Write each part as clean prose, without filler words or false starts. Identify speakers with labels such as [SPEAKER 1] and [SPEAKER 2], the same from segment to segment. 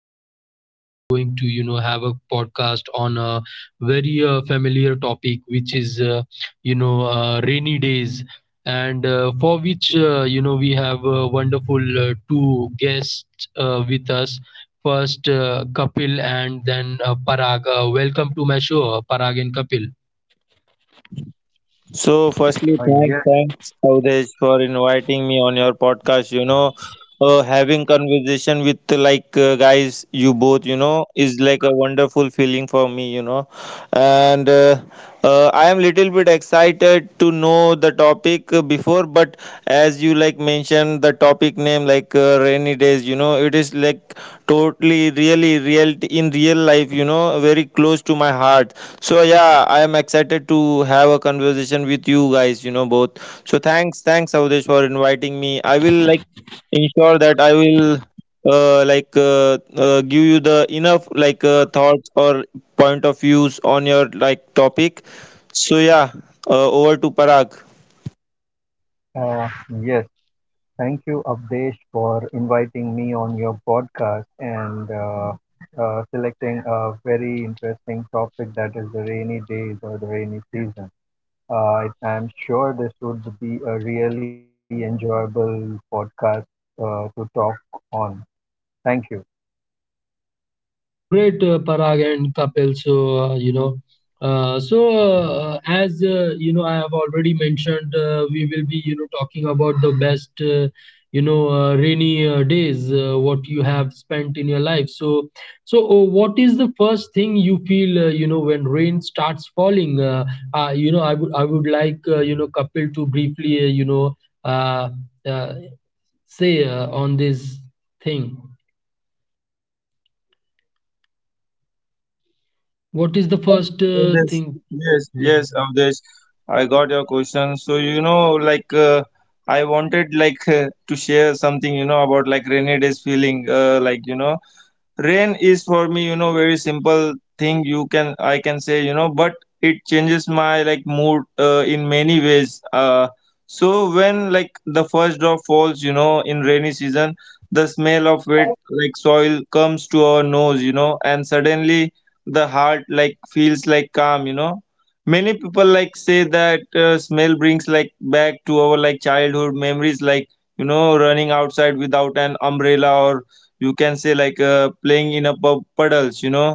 [SPEAKER 1] today we are going to, have a podcast on a very familiar topic, which is, rainy days, and for which, we have wonderful two guests with us. First, Kapil, and then Parag. Welcome to my show, Parag and Kapil.
[SPEAKER 2] So, firstly, thanks,
[SPEAKER 3] Uh,
[SPEAKER 2] thanks,
[SPEAKER 3] yes,
[SPEAKER 2] Avdesh, for inviting me on your podcast. Having conversation with like guys, you both, is like a wonderful feeling for me. And I am little bit excited to know the topic before, but as you like mentioned the topic name like rainy days, it is like totally, really, real in real life. Very close to my heart, so yeah, I am excited to have a conversation with you guys, both. So thanks, Avdesh, for inviting me. I will like ensure that I will like give you the enough like thoughts or point of views on your like topic. So yeah, over to Parag.
[SPEAKER 3] uh, yes. Thank you, Abdesh, for inviting me on your podcast and selecting a very interesting topic, that is the rainy days or the rainy season. I'm sure this would be a really enjoyable podcast to talk on. Thank you.
[SPEAKER 1] Great, Parag and Kapil. So, you know, so as you know, I have already mentioned, we will be, talking about the best, rainy days, what you have spent in your life. So, what is the first thing you feel, when rain starts falling? I would like, Kapil to briefly, uh, uh, say on this thing. What is the
[SPEAKER 2] Yes,
[SPEAKER 1] first
[SPEAKER 2] Avdesh.
[SPEAKER 1] thing?
[SPEAKER 2] Yes, yes,
[SPEAKER 1] Yeah.
[SPEAKER 2] Avdesh. I got your question. So, like, I wanted like to share something, about like rainy days feeling, like. Rain is for me, very simple thing, you can I can say, but it changes my like mood in many ways. So when like the first drop falls, in rainy season, the smell of wet like soil comes to our nose, and suddenly the heart like feels like calm. Many people like say that, smell brings like back to our like childhood memories, like running outside without an umbrella, or you can say like playing in a pub puddles.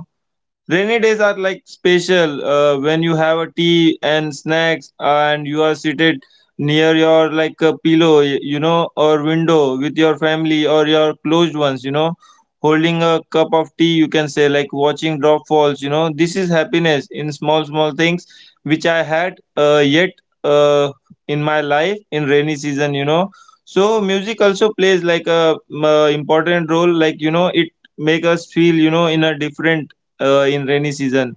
[SPEAKER 2] Rainy days are like special when you have a tea and snacks, and you are seated near your like a pillow, or window with your family or your closed ones, holding a cup of tea, you can say, like watching drop falls. This is happiness in small, small things which I had yet uh, in my life in rainy season. So music also plays like a important role, like, it make us feel, in a different in rainy season,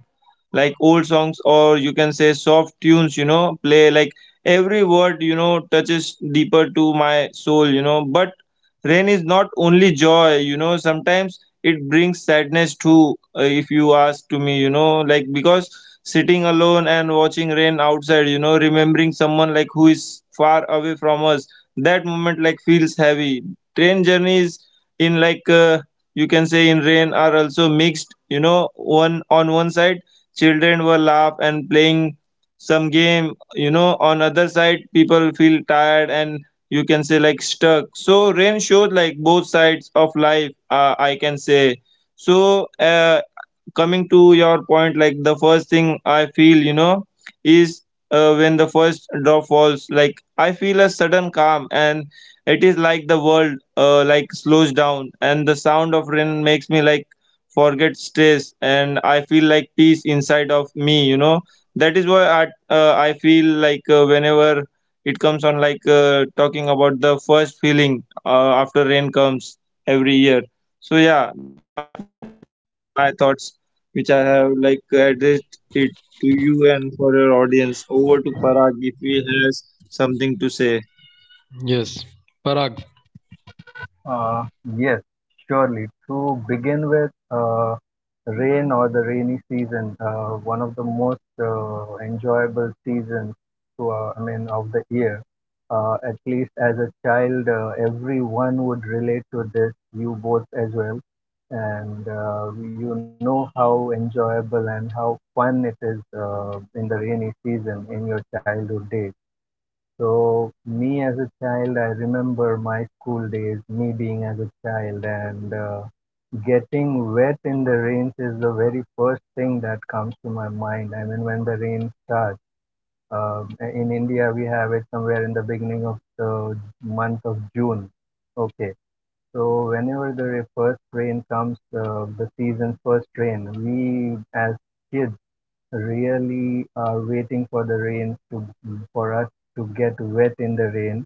[SPEAKER 2] like old songs, or you can say soft tunes, play like every word, touches deeper to my soul, but rain is not only joy, sometimes it brings sadness too. If you ask to me, like because sitting alone and watching rain outside, remembering someone like who is far away from us, that moment like feels heavy. Train journeys in like, you can say, in rain are also mixed. One on one side, children were laugh and playing some game. On other side, people feel tired and you can say like stuck. So rain shows like both sides of life. I can say so. Coming to your point, like the first thing I feel, is when the first drop falls, like I feel a sudden calm, and it is like the world like slows down, and the sound of rain makes me like forget stress, and I feel like peace inside of me. That is why I feel like whenever it comes on, like talking about the first feeling after rain comes every year. So yeah, my thoughts which I have like addressed it to you and for your audience. Over to Parag if he has something to say.
[SPEAKER 1] Yes, Parag.
[SPEAKER 3] Uh, yes, surely. To begin with, rain or the rainy season, one of the most enjoyable seasons to, I mean, of the year. At least as a child, everyone would relate to this, you both as well. And you know how enjoyable and how fun it is in the rainy season in your childhood days. So me as a child, I remember my school days, me being as a child, and getting wet in the rains is the very first thing that comes to my mind. I mean, when the rain starts. Uh, in India, we have it somewhere in the beginning of the month of June. Okay, so whenever the first rain comes, the season's first rain, we as kids really are waiting for the rain to for us to get wet in the rain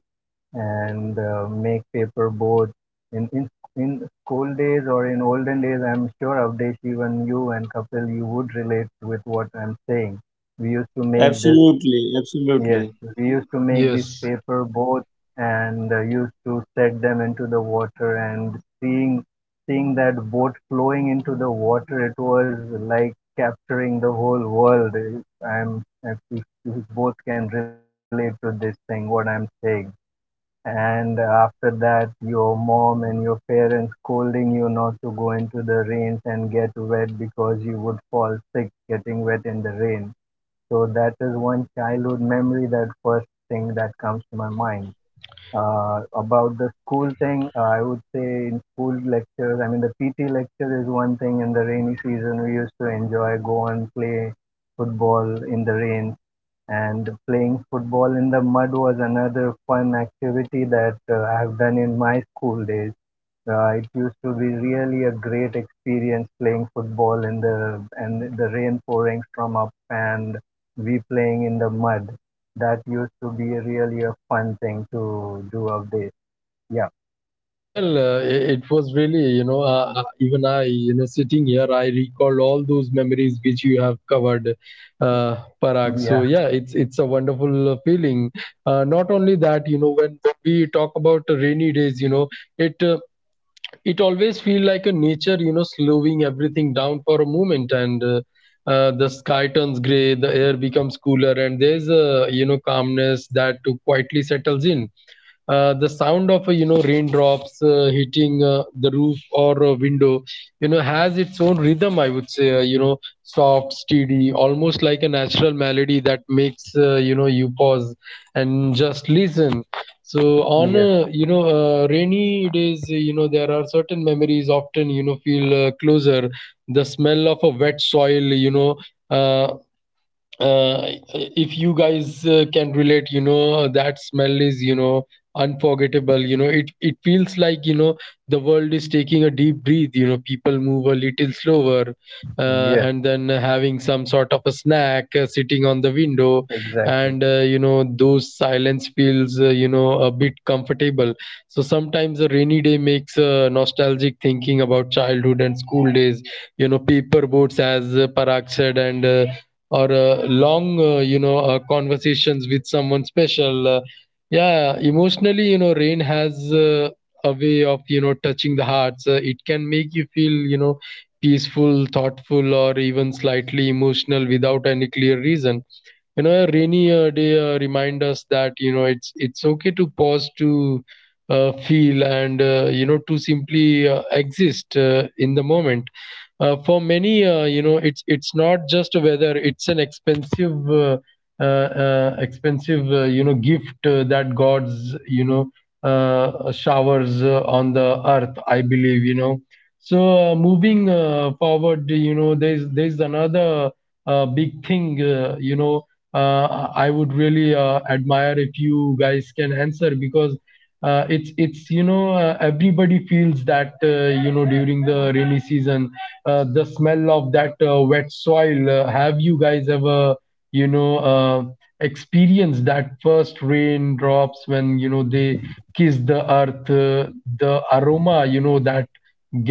[SPEAKER 3] and make paper boats. In, in in school days or in olden days, I'm sure Avdesh, even you and Kapil, you would relate with what I'm
[SPEAKER 2] Absolutely,
[SPEAKER 3] saying. We
[SPEAKER 2] absolutely.
[SPEAKER 3] used to make this, yes, we used to make these
[SPEAKER 1] Yes.
[SPEAKER 3] paper boats and used to set them into the water and seeing that boat flowing into the water, it was like capturing the whole world, if I'm if you both can relate to this thing, what I'm saying. And after that, your mom and your parents scolding you not to go into the rains and get wet because you would fall sick getting wet in the rain. So that is one childhood memory, that first thing that comes to my mind. About the school thing, I would say in school lectures, I mean, the PT lecture is one thing. In the rainy season, we used to enjoy, go and play football in the rain. And playing football in the mud was another fun activity that I have done in my school days. It used to be really a great experience, playing football in the and the rain pouring from up and we playing in the mud. That used to be really a fun thing to do update. Yeah,
[SPEAKER 1] Well, it was really, even I, sitting here, I recall all those memories which you have covered, uh, Parag. So
[SPEAKER 3] yeah,
[SPEAKER 1] yeah, it's a wonderful feeling. Not only that, you know, when we talk about rainy days, it. Uh, it always feels like a nature, you know, slowing everything down for a moment, and the sky turns gray, the air becomes cooler, and there's a, you know, calmness that too quietly settles in. The sound of raindrops hitting the roof or a window, you know, has its own rhythm, I would say, soft, steady, almost like a natural melody that makes, you pause and just listen.
[SPEAKER 3] yes,
[SPEAKER 1] So on rainy days, there are certain memories often, you know, feel closer. The smell of a wet soil, uh, uh, if you guys can relate, you know, that smell is, you know, unforgettable. You know, it feels like, you know, the world is taking a deep breath. You know, people move a little slower,
[SPEAKER 3] yes,
[SPEAKER 1] and then having
[SPEAKER 3] exactly.
[SPEAKER 1] some sort of a snack, sitting on the window, and those silence feels a bit comfortable. So sometimes a rainy day makes nostalgic thinking about childhood and school days, you know, paper boats as Parag said, and or long, conversations with someone special. Yeah, emotionally, you know, rain has a way of, you know, touching the hearts. It can make you feel, you know, peaceful, thoughtful, or even slightly emotional without any clear reason. You know, a rainy day remind us that, you know, it's okay to pause, to feel, and, you know, to simply exist in the moment. For many, it's not just a weather, it's an expensive you know, gift that god's, you know, showers on the earth, I believe, you know. So moving forward, you know, there's another big thing, I would really admire if you guys can answer, because it's you know, everybody feels that, you know, during the rainy season the smell of that wet soil. Have you guys ever, you know uh, experienced that first raindrops when, you know, they kiss the earth? The aroma, you know, that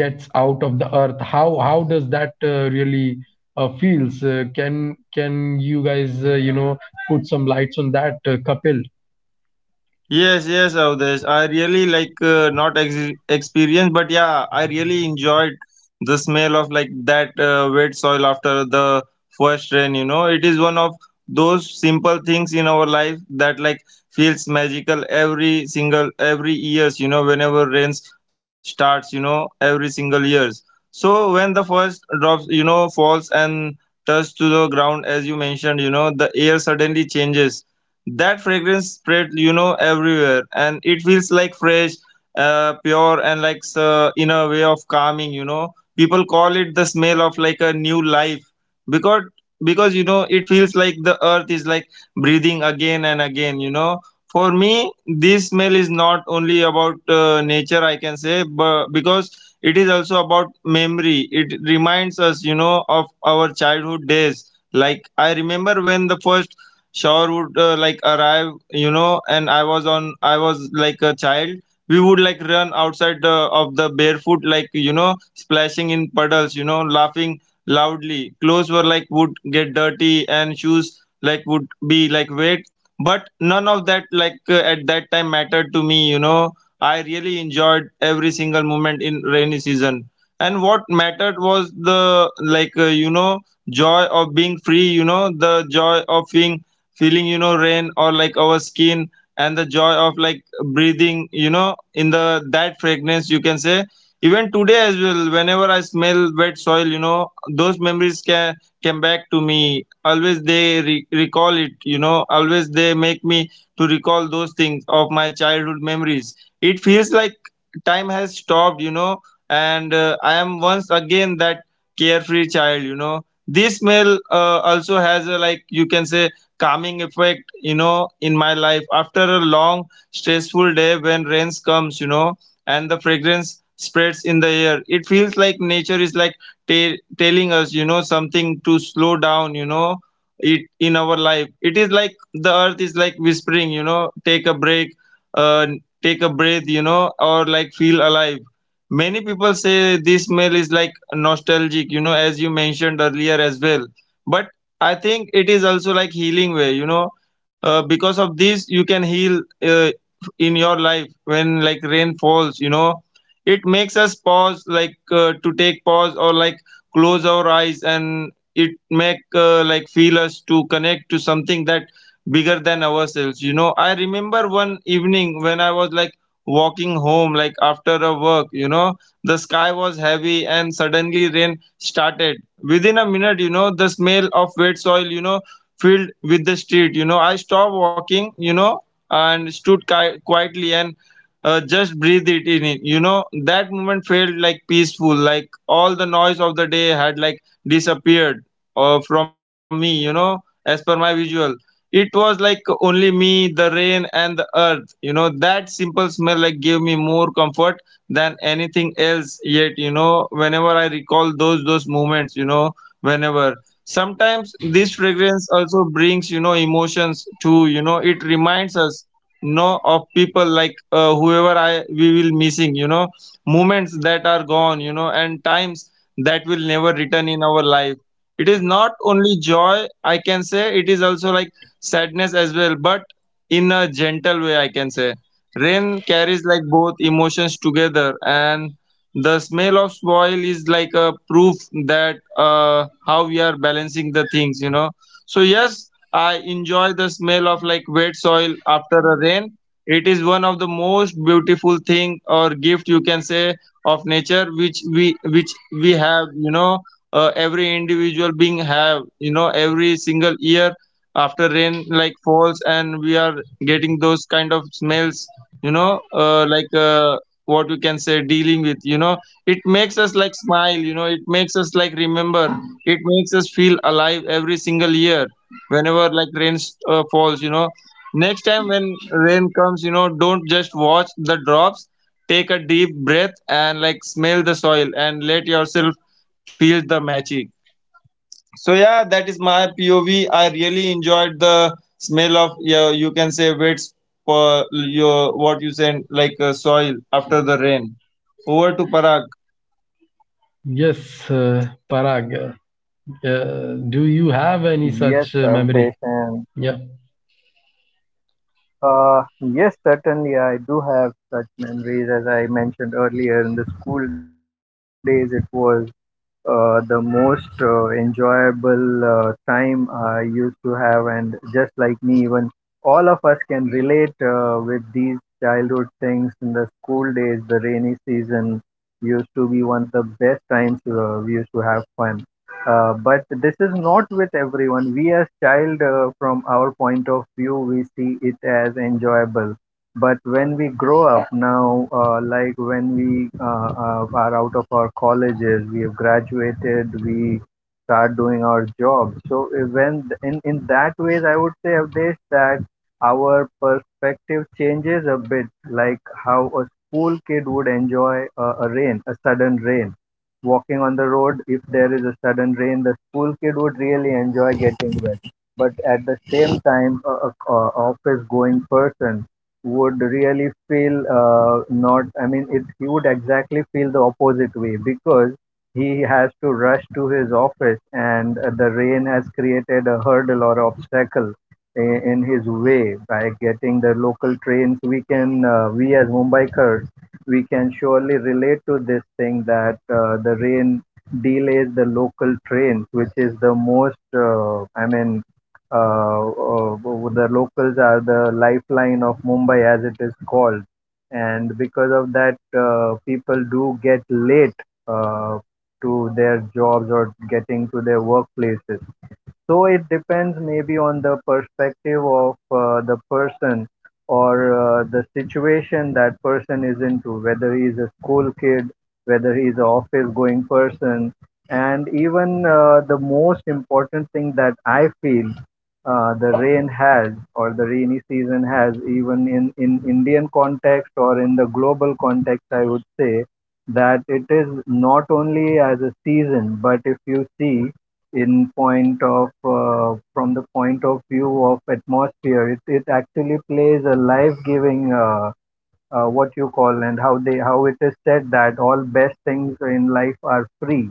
[SPEAKER 1] gets out of the earth, how does that really feels. Can you guys, put some lights on that, Kapil?
[SPEAKER 2] Yes, yes, Avdesh. I really like not experience, but yeah, I really enjoyed the smell of like that wet soil after the first rain. It is one of those simple things in our life that like feels magical every single every years. Whenever rains starts, every single years. So when the first drops, falls and touch to the ground, as you mentioned, the air suddenly changes, that fragrance spread, everywhere, and it feels like fresh, pure, and like in a way of calming. People call it the smell of like a new life, because because it feels like the earth is like breathing again and again. For me, this smell is not only about nature, I can say, but because it is also about memory. It reminds us, of our childhood days, like I remember when the first shower would like arrive, and I was like a child. We would like run outside of the barefoot, like splashing in puddles, laughing loudly, clothes were like would get dirty, and shoes like would be like wet. But none of that, like at that time, mattered to me. I really enjoyed every single moment in rainy season. And what mattered was the, like joy of being free, the joy of being, feeling, rain or like our skin. And the joy of like breathing, in the that fragrance, you can say. Even today as well, whenever I smell wet soil, those memories can come back to me. Always they recall it, always they make me to recall those things of my childhood memories. It feels like time has stopped, and I am once again that carefree child. This smell also has a, like you can say, calming effect, in my life, after a long stressful day when rains comes. And the fragrance spreads in the air, it feels like nature is like telling us, something to slow down. It in our life, it is like the earth is like whispering, take a break, uh, take a breath, or like feel alive. Many people say this smell is like nostalgic, as you mentioned earlier as well, but I think it is also like healing way. Because of this, you can heal in your life when like rain falls. It makes us pause, like to take pause, or like close our eyes, and it make like feel us to connect to something that bigger than ourselves. I remember one evening when I was like walking home, like after a work. The sky was heavy, and suddenly rain started within a minute. The smell of wet soil, filled with the street, I stopped walking, and stood quietly, and just breathed it in it. That moment felt like peaceful, like all the noise of the day had like disappeared from me. As per my visual, it was like only me, the rain, and the earth. That simple smell like gave me more comfort than anything else yet, whenever I recall those moments, whenever sometimes this fragrance also brings, emotions to, it reminds us, of people like whoever I we will missing. Moments that are gone, and times that will never return in our life. It is not only joy, I can say, it is also like sadness as well, but in a gentle way, I can say. Rain carries like both emotions together, and the smell of soil is like a proof that, how we are balancing the things. So yes, I enjoy the smell of like wet soil after a rain. It is one of the most beautiful thing or gift you can say of nature, which we have, every individual being have, every single year after rain like falls and we are getting those kind of smells, like, what we can say, dealing with, it makes us like smile. It makes us like remember, it makes us feel alive every single year whenever like rain falls. Next time when rain comes, don't just watch the drops. Take a deep breath and like smell the soil and let yourself feel the magic. So yeah, that is my POV. I really enjoyed the smell of, yeah, you can say wet, for your what you said like, soil after the rain. Over to Parag.
[SPEAKER 1] Yes, uh, Parag, do you have any such
[SPEAKER 3] Yes,
[SPEAKER 1] memory?
[SPEAKER 3] Avdesh, and.
[SPEAKER 1] Yeah.
[SPEAKER 3] Yes, certainly. I do have such memories as I mentioned earlier. In the school days, it was the most enjoyable time I used to have, and just like me, even all of us can relate with these childhood things in the school days. The rainy season used to be one of the best times we used to have fun. But this is not with everyone. We as child, from our point of view, we see it as enjoyable. But when we grow up now, like when we are out of our colleges, we have graduated, we start doing our job. So when in that ways, I would say, Avdesh, that our perspective changes a bit, like how a school kid would enjoy a rain, a sudden rain walking on the road. If there is a sudden rain, the school kid would really enjoy getting wet. But at the same time, a office going person would really feel not, I mean, it, he would exactly feel the opposite way because he has to rush to his office and the rain has created a hurdle or obstacle in his way by getting the local trains. We can, we as Mumbaikars we can surely relate to this thing, that the rain delays the local trains, which is the most, I mean, uh, uh, the locals are the lifeline of Mumbai, as it is called. And because of that, people do get late uh, to their jobs or getting to their workplaces. So it depends maybe on the perspective of the person or the situation that person is into, whether he is a school kid, whether he is an office going person. And even the most important thing that I feel the rain has or the rainy season has, even in Indian context or in the global context, I would say that it is not only as a season, but if you see, in point of from the point of view of atmosphere, it actually plays a life giving what you call, and how they how it is said that all best things in life are free,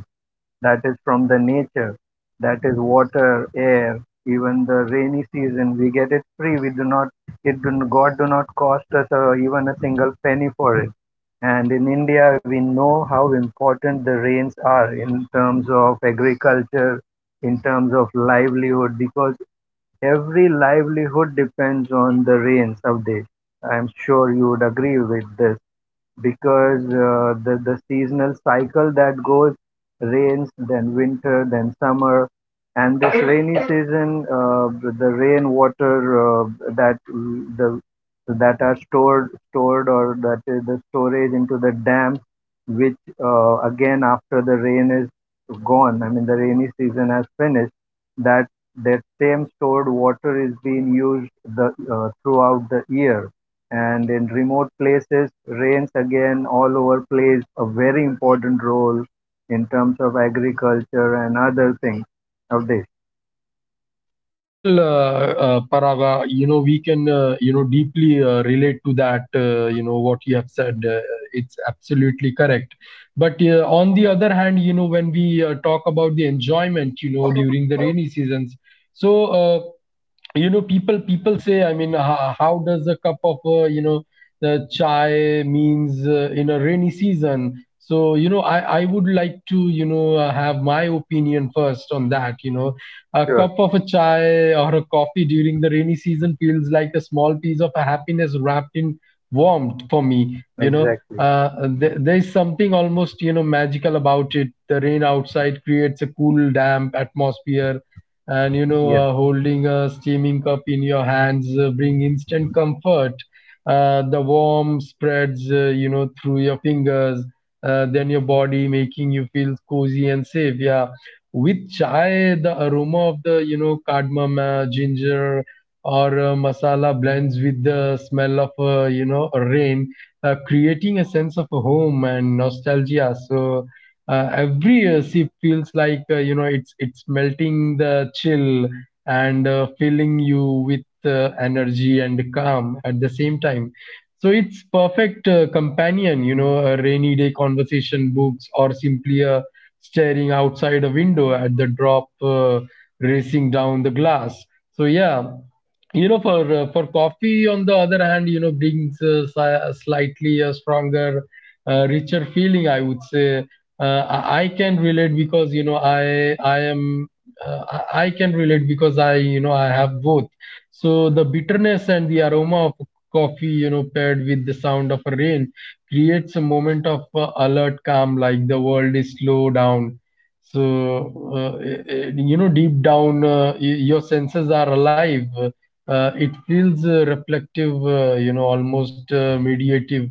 [SPEAKER 3] that is from the nature, that is water, air, even the rainy season, we get it free. We do not, it do, God do not cost us even a single penny for it. And in India, we know how important the rains are in terms of agriculture, in terms of livelihood, because every livelihood depends on the rains of this. I'm sure you would agree with this because the seasonal cycle that goes rains, then winter, then summer, and this rainy season, the rain water uh, that the that are stored or that is the storage into the dam, which again after the rain is gone, I mean the rainy season has finished, that that same stored water is being used the throughout the year. And in remote places, rains again all over plays a very important role in terms of agriculture and other things nowadays.
[SPEAKER 1] Well, Paraga, you know, we can, deeply relate to that, you know, what you have said. It's absolutely correct. But on the other hand, you know, when we talk about the enjoyment, you know, during the rainy seasons, so uh, you know, people say, I mean, how does a cup of the chai means in a rainy season? So you know, I would like to, you know, have my opinion first on that. You know, a
[SPEAKER 3] Sure,
[SPEAKER 1] cup of a chai or a coffee during the rainy season feels like a small piece of happiness wrapped in warmth for me. You know,
[SPEAKER 3] exactly,
[SPEAKER 1] there's something almost, you know, magical about it. The rain outside creates a cool damp atmosphere, and you know,
[SPEAKER 3] yes.
[SPEAKER 1] holding a steaming cup in your hands bring instant comfort. The warmth spreads through your fingers, then your body, making you feel cozy and safe. Yeah, with chai, the aroma of the, you know, cardamom, ginger, or masala blends with the smell of rain, creating a sense of home and nostalgia. So every year she feels like, it's melting the chill and filling you with energy and calm at the same time. So it's perfect companion, you know, a rainy day conversation, books, or simply a staring outside a window at the drop racing down the glass. So yeah, you know, for coffee on the other hand, you know, brings slightly a stronger richer feeling, I would say. I can relate because, you know, I am I can relate because I, you know, I have both. So the bitterness and the aroma of coffee, you know, paired with the sound of rain, creates a moment of alert calm, like the world is slow down. So you know, deep down, your senses are alive. It feels reflective, you know, almost mediative,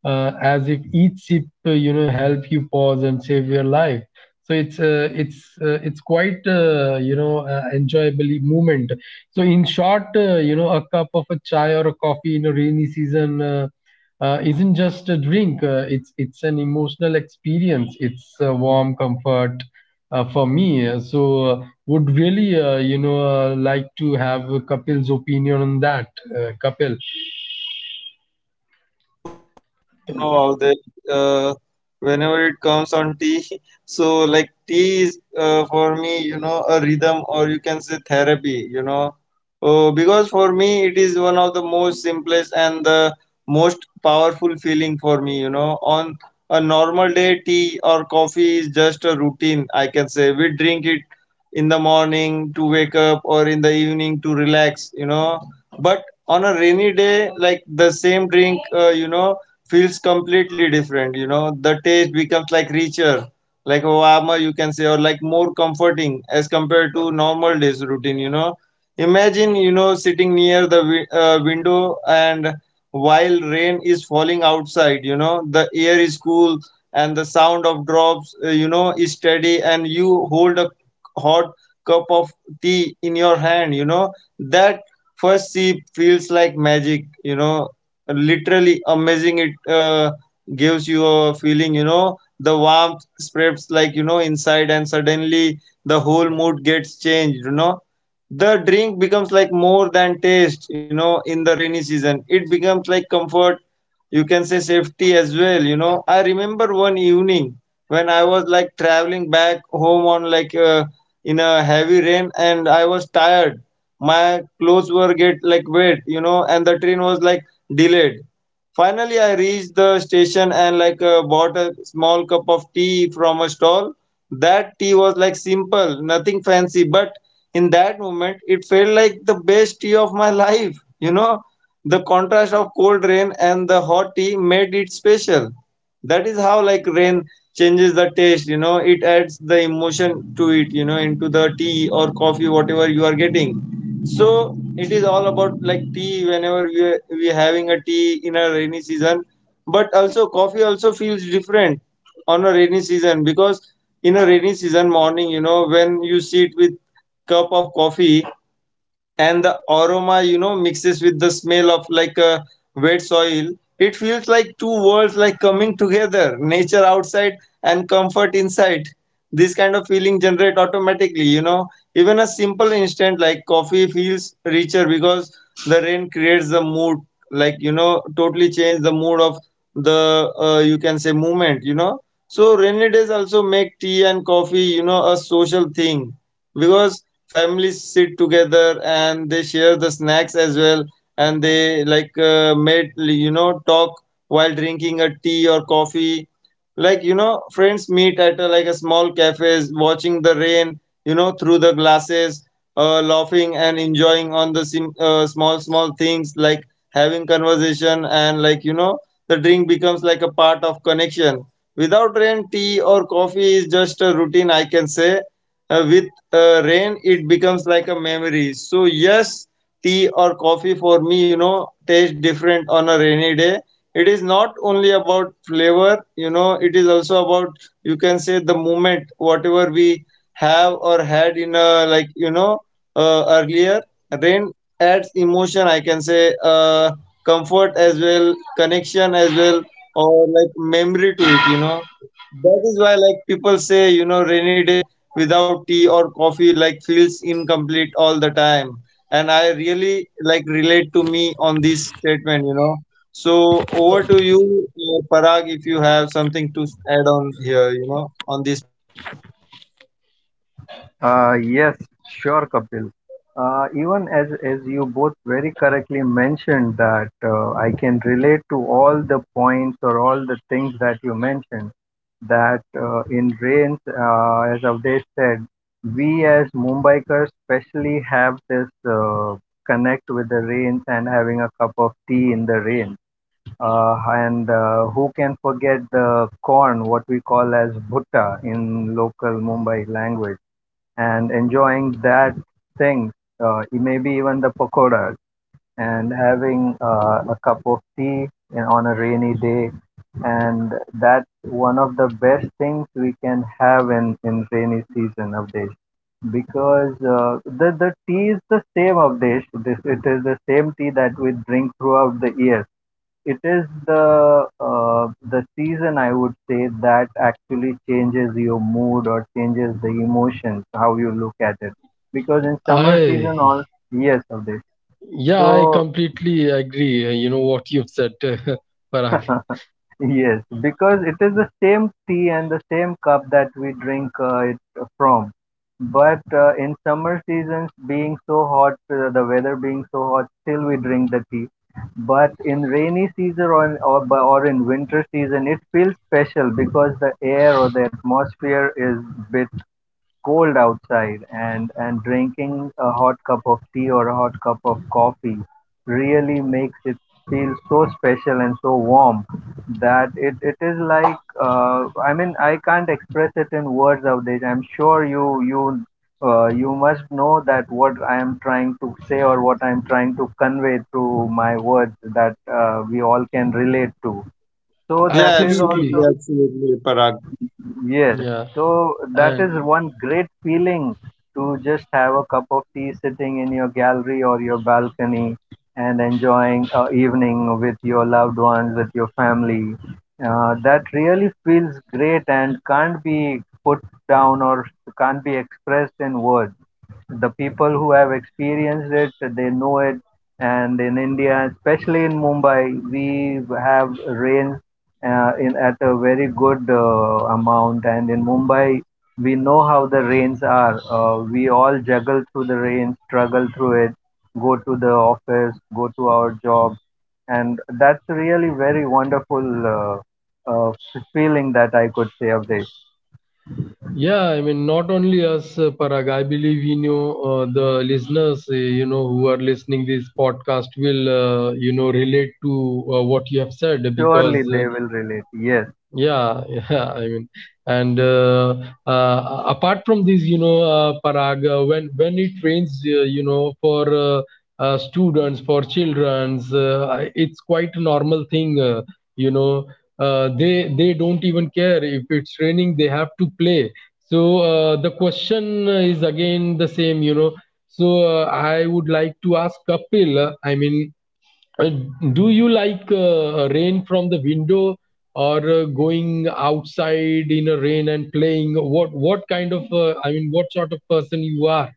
[SPEAKER 1] as if each sip, you know, help you pause and save your life. So it's quite, enjoyable movement. So in short, you know, a cup of a chai or a coffee in a rainy season isn't just a drink. It's an emotional experience, it's a warm comfort for me. So, would really like to have Kapil's opinion on that, Kapil.
[SPEAKER 2] You know all the uh, Whenever it comes on tea. So like tea is, for me, a rhythm, or you can say therapy. Oh, because for me it is one of the most simplest and the most powerful feeling for me. On a normal day, tea or coffee is just a routine, I can say. We drink it in the morning to wake up or in the evening to relax, but on a rainy day, like, the same drink feels completely different. The taste becomes like richer, like warmer, you can say, or like more comforting as compared to normal days routine. Imagine, sitting near the window, and while rain is falling outside, the air is cool and the sound of drops is steady, and you hold a hot cup of tea in your hand. That first sip feels like magic, literally amazing. It gives you a feeling. The warmth spreads, like, inside, and suddenly the whole mood gets changed. The drink becomes like more than taste. In the rainy season, it becomes like comfort, you can say, safety as well. I remember one evening when I was like traveling back home on in a heavy rain, and I was tired. My clothes were get like wet, and the train was like delayed. Finally, I reached the station and, bought a small cup of tea from a stall. That tea was like simple, nothing fancy, but in that moment, it felt like the best tea of my life. The contrast of cold rain and the hot tea made it special. That is how like rain changes the taste. It adds the emotion to it, into the tea or coffee, whatever you are getting. So it is all about like tea, whenever we having a tea in a rainy season. But also coffee also feels different on a rainy season, because in a rainy season morning, when you sit with cup of coffee, and the aroma, mixes with the smell of like a wet soil. It feels like two worlds like coming together, nature outside and comfort inside. This kind of feeling generate automatically. Even a simple instant like coffee feels richer, because the rain creates the mood, like, totally change the mood of the, you can say, movement. So rainy days also make tea and coffee, a social thing, because families sit together and they share the snacks as well, and they like, made, talk while drinking a tea or coffee. Like, friends meet at a, like, a small cafes, watching the rain, through the glasses, laughing and enjoying on the small small things, like having conversation, and, the drink becomes like a part of connection. Without rain, tea or coffee is just a routine, I can say, with, rain, it becomes like a memory. So yes, tea or coffee for me, taste different on a rainy day. It is not only about flavor, it is also about, you can say, the moment, whatever we have or had in a like, earlier. Rain adds emotion, I can say, comfort as well, connection as well, or like memory to it. That is why like people say, rainy day without tea or coffee like feels incomplete all the time, and I really like relate to me on this statement. So over to you, Parag, if you have something to add on here, on this.
[SPEAKER 3] Yes, sure, Kapil. Even as you both very correctly mentioned, that I can relate to all the points or all the things that you mentioned. That in rains, as Avdesh said, we as Mumbaikars especially have this connect with the rains and having a cup of tea in the rain. And who can forget the corn, what we call as bhutta in local Mumbai language, and enjoying that thing, maybe even the pakoras, and having a cup of tea on a rainy day. And that's one of the best things we can have in rainy season of days, because the tea is the same of Desh. This, it is the same tea that we drink throughout the year. It is the season, I would say, that actually changes your mood or changes the emotions how you look at it, because in summer
[SPEAKER 1] I.
[SPEAKER 3] season all yes of this
[SPEAKER 1] Yeah, I
[SPEAKER 3] so.
[SPEAKER 1] completely agree. You know what you've said, Parag.
[SPEAKER 3] Yes, because it is the same tea and the same cup that we drink it from. But in summer seasons, being so hot, the weather being so hot, still we drink the tea. But in rainy season or in winter season, it feels special because the air or the atmosphere is bit cold outside, and drinking a hot cup of tea or a hot cup of coffee really makes it feel so special and so warm, that it is like I mean I can't express it in words nowadays. I'm sure you you must know that what I am trying to say or what I'm trying to convey through my words, that we all can relate to. So
[SPEAKER 2] Yeah,
[SPEAKER 3] that is
[SPEAKER 2] absolutely,
[SPEAKER 3] also.
[SPEAKER 1] Absolutely.
[SPEAKER 2] absolutely, Parag.
[SPEAKER 3] Yes,
[SPEAKER 1] Yeah.
[SPEAKER 3] so that is
[SPEAKER 1] And
[SPEAKER 3] one great feeling, to just have a cup of tea sitting in your gallery or your balcony and enjoying a evening with your loved ones, with your family. That really feels great and can't be put down or can't be expressed in words. The people who have experienced it, they know it. And in India, especially in Mumbai, we have rains in at a very good amount. And in Mumbai, we know how the rains are. We all juggle through the rain, struggle through it, go to the office, go to our job, and that's really very wonderful uh, feeling that I could say of this.
[SPEAKER 1] yeah, I mean, not only us, Parag, I believe, you know, the listeners, you know, who are listening this podcast will, you know, relate to what you have said, because
[SPEAKER 3] Surely they will relate. Yes,
[SPEAKER 1] yeah, yeah, I mean, and apart from this, you know, Parag, when it rains, for students, for childrens, it's quite a normal thing. You know, they don't even care if it's raining; they have to play. So the question is again the same, you know. So I would like to ask Kapil. I mean, uh, do you like rain from the window, or going outside in a rain and playing? What kind of, I mean, what sort of person you are,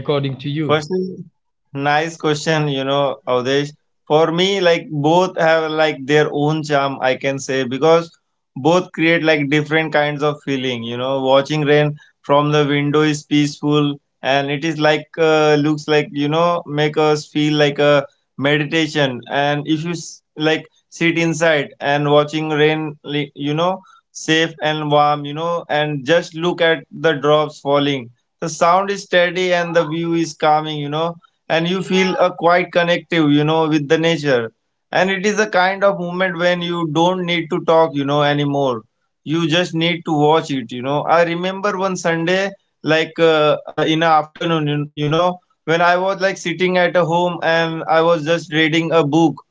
[SPEAKER 1] according to you?
[SPEAKER 2] Firstly, nice question, Avdesh. For me, like, both have like their own charm, I can say, because both create like different kinds of feeling. You know, watching rain from the window is peaceful, and it is like, looks like, make us feel like a meditation. And if you like sit inside and watching rain, you know, safe and warm, and just look at the drops falling. The sound is steady and the view is calming, and you feel a quite connective, with the nature. And it is a kind of moment when you don't need to talk, anymore. You just need to watch it. I remember one Sunday, like, in the afternoon, you know, when I was like sitting at a home and I was just reading a book.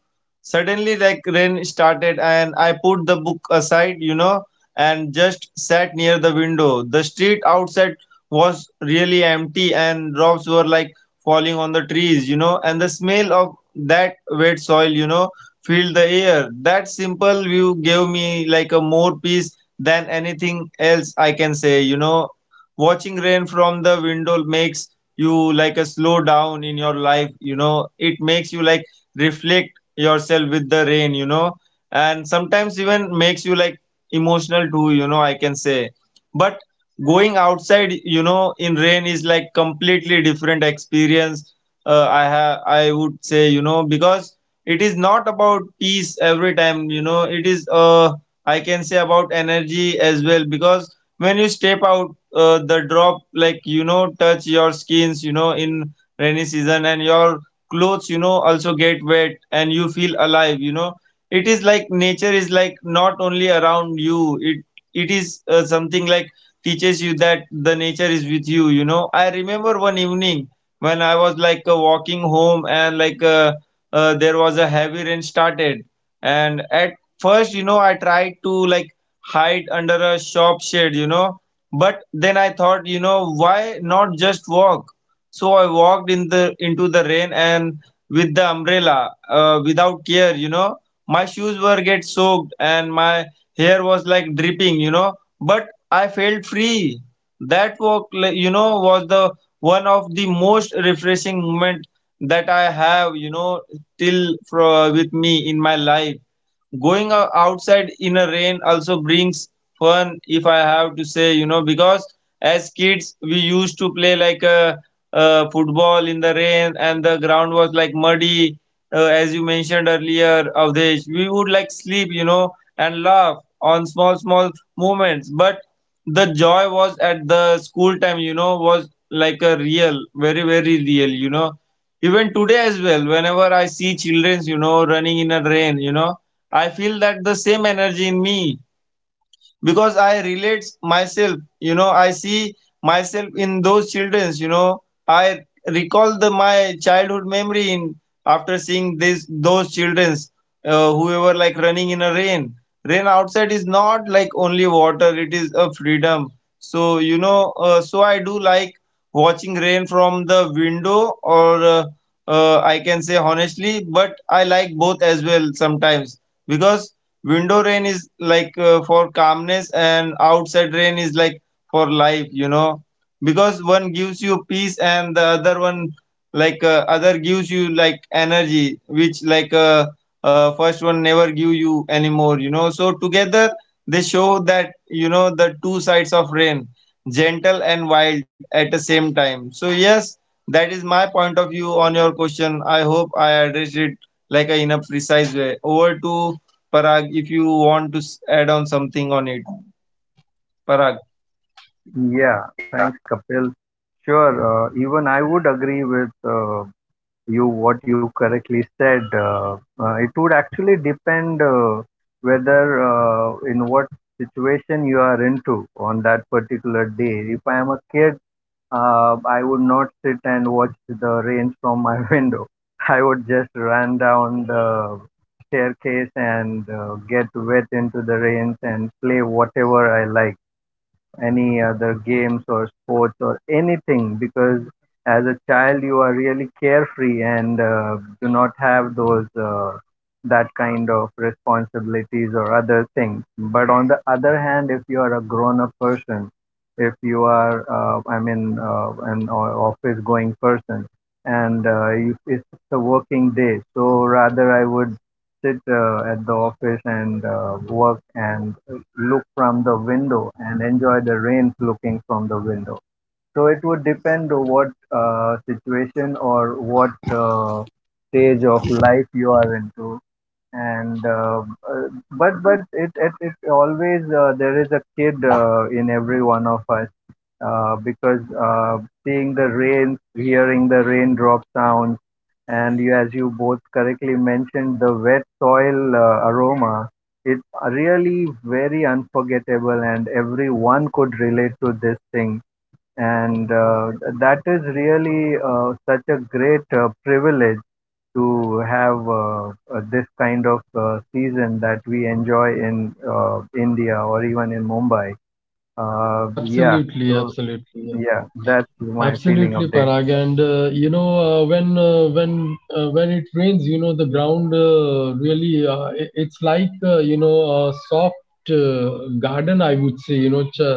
[SPEAKER 2] Suddenly like rain started, and I put the book aside, and just sat near the window. The street outside was really empty, and drops were like falling on the trees, and the smell of that wet soil, filled the air. That simple view gave me like a more peace than anything else I can say, Watching rain from the window makes you like a slow down in your life, it makes you like reflect yourself with the rain, and sometimes even makes you like emotional too, I can say. But going outside, in rain is like completely different experience, I would say, because it is not about peace every time. It is, I can say, about energy as well, because when you step out, the drop, like, touch your skins, in rainy season, and your clothes, also get wet, and you feel alive. It is like nature is like not only around you, it is, something like, teaches you that the nature is with you. You know I remember one evening when I was like, walking home, and like, there was a heavy rain started. And at first, I tried to like hide under a shop shade, but then I thought, why not just walk? So I walked in the into the rain, and with the umbrella, without care. My shoes were get soaked and my hair was like dripping, but I felt free. That walk, like, you know, was the one of the most refreshing moment that I have, you know, till for, with me in my life. Going outside in a rain also brings fun, if I have to say, because as kids we used to play like a, football in the rain, and the ground was like muddy. As you mentioned earlier, Avdesh, we would like sleep, and laugh on small small moments. But the joy was at the school time, was like a real, very very real. Even today as well, whenever I see children, running in a rain, I feel that the same energy in me, because I relate myself. You know, I see myself in those children. You know, I recall the my childhood memory in after seeing this those childrens, who were like running in a rain. Rain outside is not like only water; it is a freedom. So, so I do like watching rain from the window, or, I can say honestly, but I like both as well sometimes, because window rain is like, for calmness, and outside rain is like for life. Because one gives you peace, and the other one, like, other gives you like energy, which like, first one never give you anymore. So together they show that, the two sides of rain: gentle and wild at the same time. So yes, that is my point of view on your question. I hope I addressed it like a in a precise way. Over to Parag, if you want to add on something on it, Parag.
[SPEAKER 3] yeah. Thanks, Kapil. Sure. Even I would agree with. You what you correctly said, it would actually depend, whether, in what situation you are into on that particular day. If I am a kid, I would not sit and watch the rain from my window. I would just run down the staircase and get wet into the rains and play whatever I like, any other games or sports or anything, because as a child you are really carefree and do not have those that kind of responsibilities or other things. But on the other hand, if you are a grown up person, if you are, I mean, an office going person, and it's a working day, so rather I would sit, at the office and work and look from the window and enjoy the rain looking from the window. So it would depend on what, situation or what, stage of life you are into, and uh, but it always, there is a kid, in every one of us, because seeing the rain, hearing the raindrop sounds, and as you both correctly mentioned, the wet soil, aroma. It's really very unforgettable, and everyone could relate to this thing. And that is really, such a great, privilege to have, this kind of, season that we enjoy in, India or even in Mumbai. Yeah,
[SPEAKER 1] Absolutely,
[SPEAKER 3] so
[SPEAKER 1] absolutely, yeah.
[SPEAKER 3] yeah, that's my feeling
[SPEAKER 1] Absolutely,
[SPEAKER 3] of this.
[SPEAKER 1] Parag. And you know, when it rains, you know, the ground really it's like, you know, a soft garden, I would say, you know, ch- uh,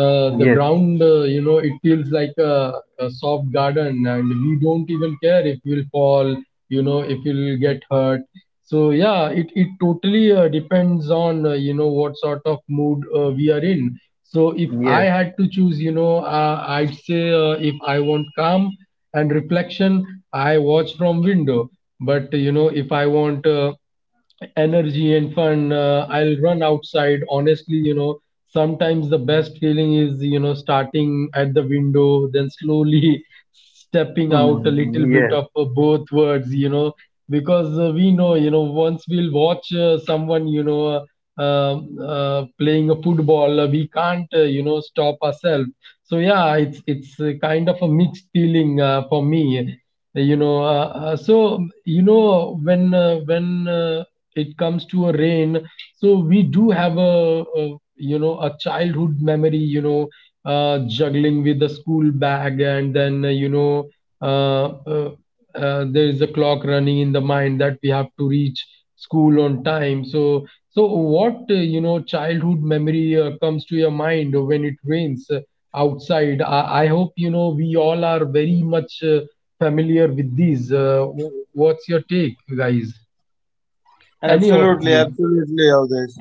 [SPEAKER 1] uh, the
[SPEAKER 3] Yes,
[SPEAKER 1] ground, you know, it feels like a soft garden, and we don't even care if we'll fall, you know, if we'll get hurt. So yeah, it totally depends on, you know, what sort of mood we are in. So if I
[SPEAKER 3] yes,
[SPEAKER 1] had to choose, you know, I'd say if I want calm and reflection, I watch from window. But you know, if I want energy and fun. I'll run outside. Honestly, you know, sometimes the best feeling is, you know, starting at the window, then slowly stepping out, a little bit of
[SPEAKER 3] yes,
[SPEAKER 1] both words, you know, because we know, you know, once we'll watch someone, you know, playing a football, we can't, you know, stop ourselves. So yeah, it's kind of a mixed feeling for me. So when it comes to a rain, we do have a a childhood memory, juggling with the school bag. And then uh, uh, there is a clock running in the mind that we have to reach school on time. So what childhood memory comes to your mind when it rains outside? I hope we all are very much familiar with these. What's your take, guys? Any of
[SPEAKER 2] Absolutely,
[SPEAKER 1] you?
[SPEAKER 2] absolutely, Avdesh.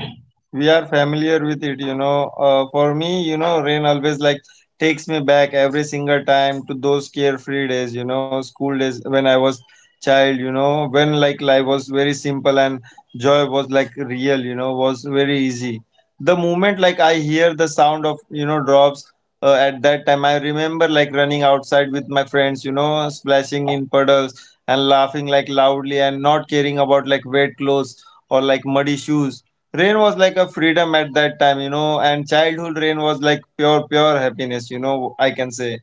[SPEAKER 2] We are familiar with it. For me, rain always like takes me back every single time to those carefree days, school days when I was child, when like life was very simple and joy was like real, was very easy. The moment like I hear the sound of, drops at that time, I remember like running outside with my friends, splashing in puddles and laughing like loudly and not caring about like wet clothes or like muddy shoes. Rain was like a freedom at that time, and childhood rain was like pure, pure happiness, I can say.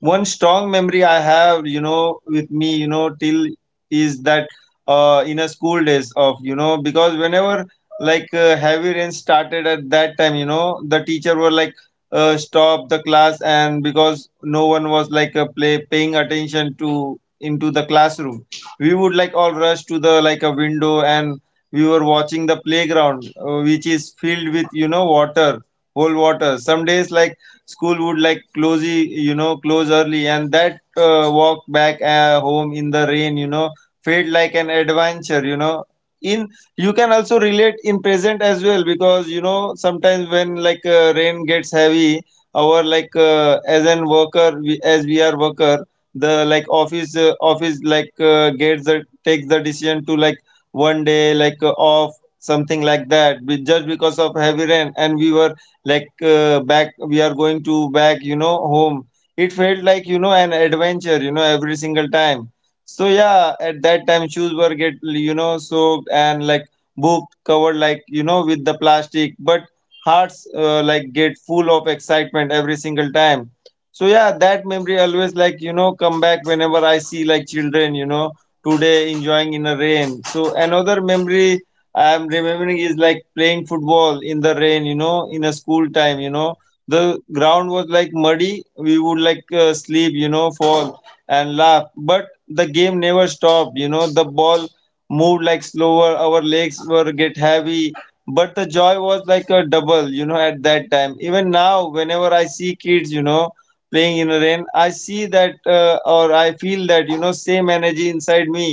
[SPEAKER 2] One strong memory I have, with me, till is that in a school days because whenever heavy rain started at that time, you know, the teacher were like, stop the class and because no one was play paying attention to into the classroom. We would like all rush to the like a window, and we were watching the playground which is filled with, you know, water, whole water. Some days like school would like close you know, close early, and that walk back home in the rain, you know, felt like an adventure, you know. In You can also relate in present as well, because, you know, sometimes when rain gets heavy, our as an worker, as we are worker, the like office gets the takes the decision to like one day off, something like just because of heavy rain, and we were back, we are going to back, you know, home. It felt like, you know, an adventure, you know, every single time. So yeah, at that time shoes were get, you know, soaked, and like booked covered, like, you know, with the plastic, but hearts like get full of excitement every single time. So yeah, that memory always like, you know, come back whenever I see like children, you know, today enjoying in a rain. So another memory I'm remembering is like playing football in the rain, you know, in a school time, you know. The ground was like muddy. We would sleep, you know, fall and laugh, but the game never stopped. You know, the ball moved like slower. Our legs were get heavy. But the joy was like a double, you know, at that time. Even now, whenever I see kids, you know, playing in rain, I see that or I feel that, you know, same energy inside me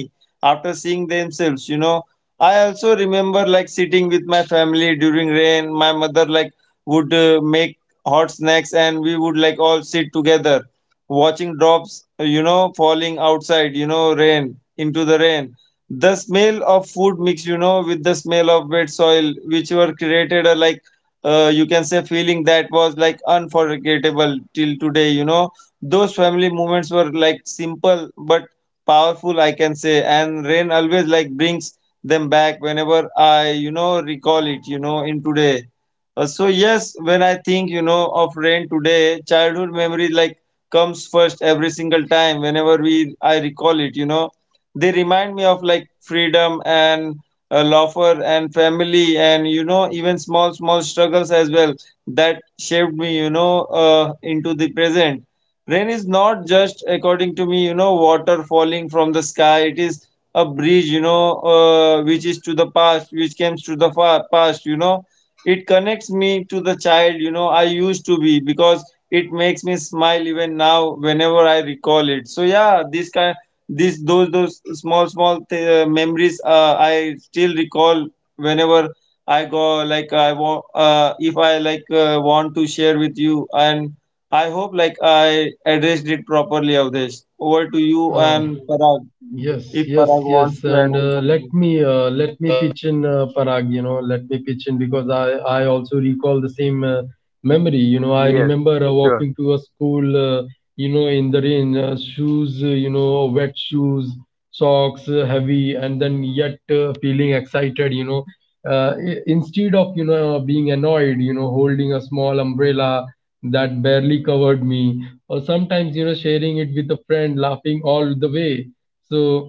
[SPEAKER 2] after seeing themselves, you know. I also remember like sitting with my family during rain. My mother like would make hot snacks, and we would like all sit together watching drops you know, falling outside, you know, rain into the rain. The smell of food mix, you know, with the smell of wet soil, which were created a like you can say, feeling that was like unforgettable till today, you know. Those family moments were like simple but powerful, I can say, and rain always like brings them back whenever I, you know, recall it, you know, in today. So yes, when I think, you know, of rain today, childhood memory like comes first every single time whenever we I recall it, you know. They remind me of like freedom and loafer and family and, you know, even small small struggles as well that shaped me, you know, into the present. Rain is not, just according to me, you know, water falling from the sky. It is a bridge, you know, which is to the past, which comes to the far past, you know. It connects me to the child, you know, I used to be, because it makes me smile even now whenever I recall it. So yeah, this kind, these those small small memories I still recall whenever I want, if I want to share with you. And I hope like I addressed it properly, Avdesh. Over to you
[SPEAKER 1] Uh,
[SPEAKER 2] and Parag,
[SPEAKER 1] yes,
[SPEAKER 2] if
[SPEAKER 1] yes,
[SPEAKER 2] Parag
[SPEAKER 1] yes.
[SPEAKER 2] wants to
[SPEAKER 1] And
[SPEAKER 2] add on
[SPEAKER 1] uh, let
[SPEAKER 2] something.
[SPEAKER 1] me uh, let me pitch in, Parag. Let me pitch in because I also recall the same memory. I
[SPEAKER 3] yes,
[SPEAKER 1] remember
[SPEAKER 3] sure,
[SPEAKER 1] walking to a school. In the rain, shoes. Wet shoes, socks, heavy, and then yet feeling excited. Instead of being annoyed. Holding a small umbrella that barely covered me, or sometimes sharing it with a friend, laughing all the way. So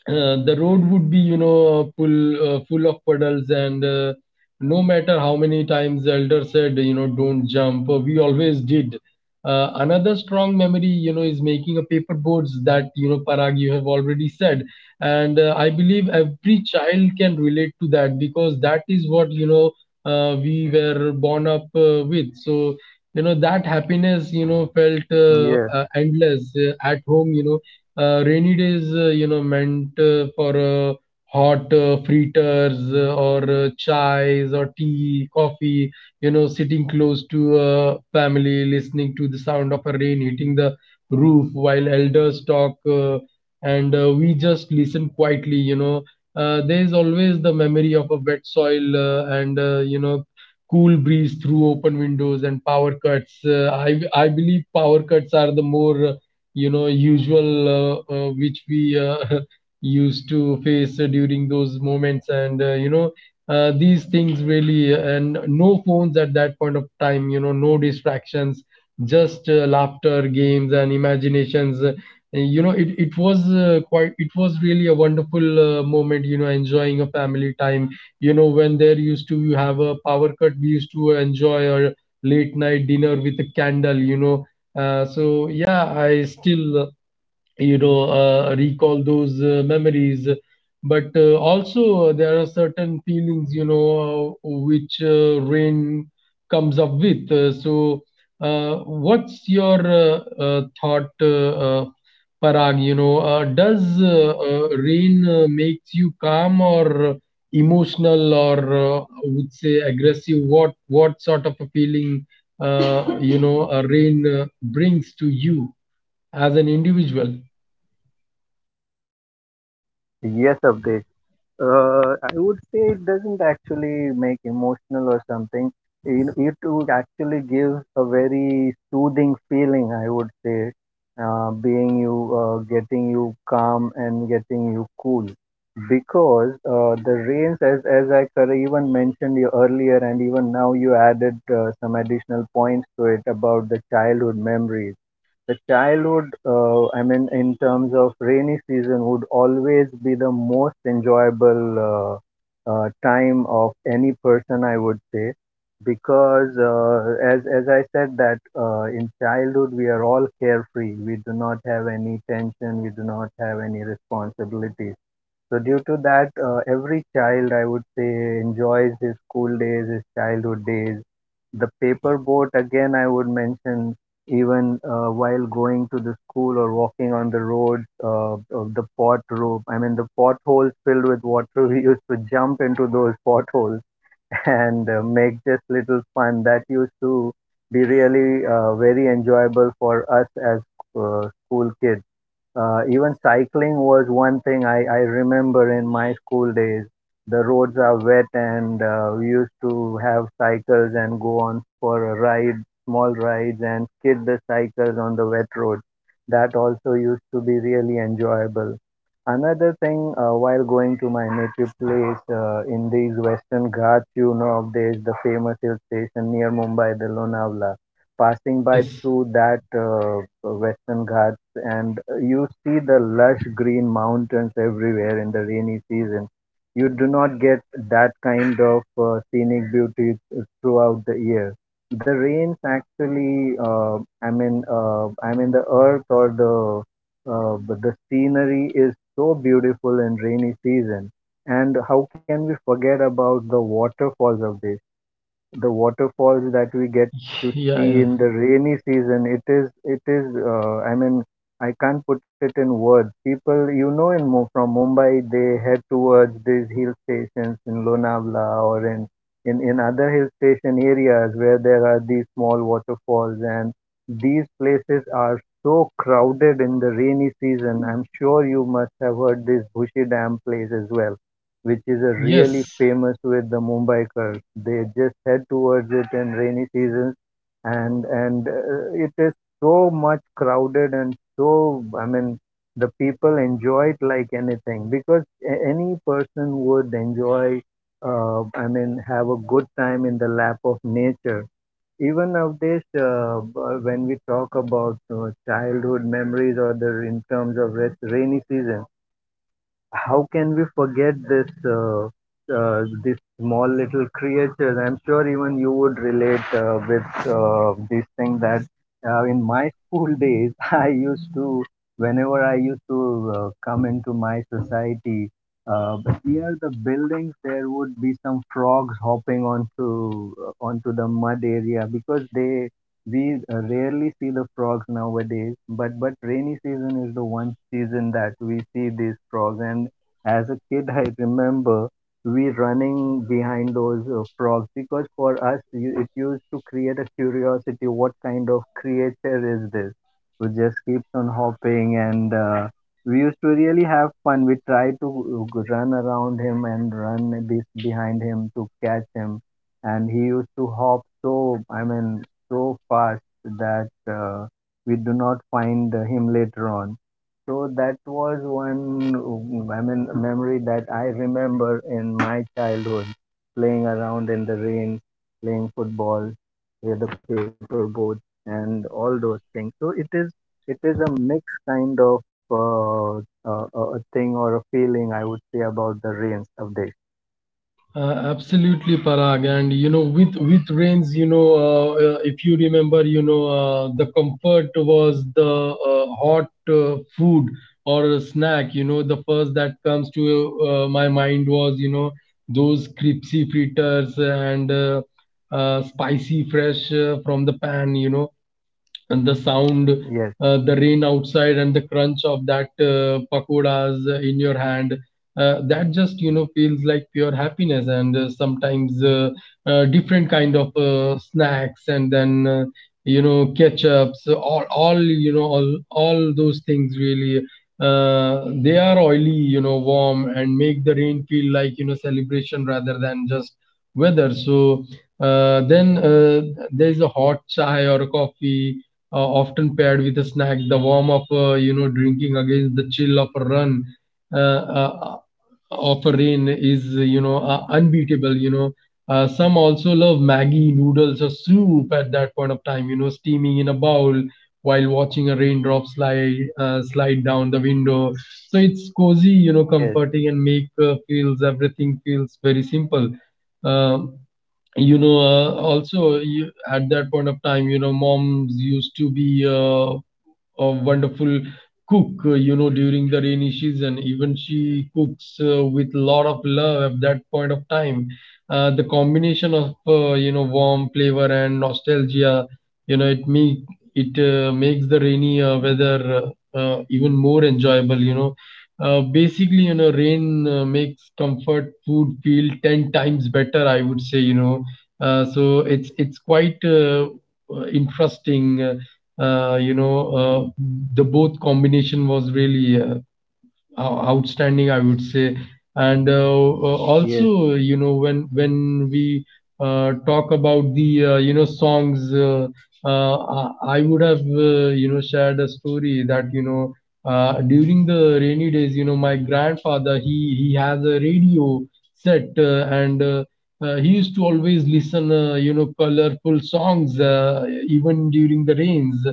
[SPEAKER 1] the road would be, full of puddles. And no matter how many times the elder said, don't jump, we always did. Another strong memory, is making a paper boards that, Parag, you have already said. And I believe every child can relate to that because that is what we were born up with. So that happiness, felt
[SPEAKER 3] yes,
[SPEAKER 1] endless at home. Rainy days, meant for hot fritters or chais, or tea, coffee, sitting close to family, listening to the sound of a rain hitting the roof while elders talk, and we just listen quietly, There is always the memory of a wet soil, and, cool breeze through open windows, and power cuts. I believe power cuts are the more usual, which we used to face during those moments. And these things, really, and no phones at that point of time, no distractions, just laughter, games, and imaginations. It was quite it was really a wonderful moment, enjoying a family time when there used to you have a power cut. We used to enjoy a late night dinner with a candle. So yeah, I still, recall those memories. But also, there are certain feelings, which rain comes up with. So what's your thought, Parag? Does rain makes you calm, or emotional, or I would say aggressive? What sort of a feeling rain brings to you as an individual?
[SPEAKER 3] yes, Abdesh. I would say it doesn't actually make emotional or something. It would actually gives a very soothing feeling, I would say, getting you calm and getting you cool. Because the rains, as I cor- even mentioned you earlier, and even now you added some additional points to it about the childhood memories, the childhood, I mean, in terms of rainy season would always be the most enjoyable, time of any person, I would say, because as I said that, in childhood we are all carefree, we do not have any tension, we do not have any responsibilities. So due to that, every child, I would say, enjoys his school days, his childhood days. The paper boat, again, I would mention, even while going to the school or walking on the roads, of the pot rope, I mean, the potholes filled with water, we used to jump into those potholes and make just little fun. That used to be really, very enjoyable for us as, school kids. Even cycling was one thing I remember in my school days. The roads are wet, and we used to have cycles and go on for a ride, small rides, and skid the cycles on the wet road. That also used to be really enjoyable. Another thing, while going to my native place in these Western Ghats, you know, there's the famous hill station near Mumbai, the Lonavala. Passing by
[SPEAKER 1] Yes,
[SPEAKER 3] through that, Western Ghats, and you see the lush green mountains everywhere in the rainy season. You do not get that kind of, scenic beauty, throughout the year. The rains actually, I mean, the earth or the, but the scenery is so beautiful in rainy season. And how can we forget about the waterfalls of this, the waterfalls that we get to
[SPEAKER 1] yeah, yeah,
[SPEAKER 3] see in the rainy season? It is, it is, I mean, I can't put it in words. People, you know, in Mu- from Mumbai, they head towards these hill stations in Lonavala, or in, in other hill station areas where there are these small waterfalls. And these places are so crowded in the rainy season. I'm sure you must have heard this Bushi Dam place as well, which is a really
[SPEAKER 1] yes.
[SPEAKER 3] famous with the Mumbai Curls. They just head towards it in rainy seasons, and it is so much crowded, and so, I mean, the people enjoy it like anything, because a- any person would enjoy. I mean, have a good time in the lap of nature. Even nowadays, b- when we talk about childhood memories or the in terms of res- rainy season, how can we forget this, this small little creatures? I'm sure even you would relate, with, this thing, that in my school days I used to, whenever I used to, come into my society. Uh, Near the buildings, there would be some frogs hopping onto, onto the mud area, because they we rarely see the frogs nowadays, but rainy season is the one season that we see these frogs. And as a kid, I remember we running behind those, frogs, because for us, you- it used to create a curiosity. What kind of creature is this? Who just keeps on hopping and. We used to really have fun. We tried to run around him and run be- behind him to catch him, and he used to hop so. I mean, so fast that, we do not find him later on. So that was one mm, I mean, memory that I remember in my childhood, playing around in the rain, playing football with the paper boat and all those things. So it is, it is a mixed kind of, a thing or a feeling I would say about the rains of this.
[SPEAKER 1] Absolutely, Parag. And, with rains, if you remember, the comfort was the hot food, or a snack. The first that comes to my mind was, those crispy fritters, and spicy, fresh, from the pan. And the
[SPEAKER 3] Yes,
[SPEAKER 1] sound, the rain outside, and the crunch of that pakoras in your hand. That just, feels like pure happiness. And sometimes different kind of snacks, and then ketchups, all you know all those things, really. They are oily, warm, and make the rain feel like, celebration rather than just weather. So then, there is a hot chai or coffee, often paired with a snack. The warm up, drinking against the chill of a run, uh, uh, of a rain is, unbeatable. Some also love Maggie noodles or soup at that point of time. Steaming in a bowl while watching a raindrop slide down the window. So it's
[SPEAKER 3] yes,
[SPEAKER 1] cozy, comforting, and make feels everything feels very simple. Um Also you, at that point of time, moms used to be a wonderful cook, during the rainy season. Even she cooks, with lot of love at that point of time. The combination of warm flavor and nostalgia, you know, it make it makes the rainy weather even more enjoyable. Basically, rain makes comfort food feel 10 times better. I would say. So it's quite interesting, uh, you know, uh, the both combination was really outstanding, I would say. And
[SPEAKER 3] yes,
[SPEAKER 1] also, when we talk about the, songs, I would have shared a story that, during the rainy days, my grandfather, he has a radio set. And he used to always listen, colorful songs, even during the rains.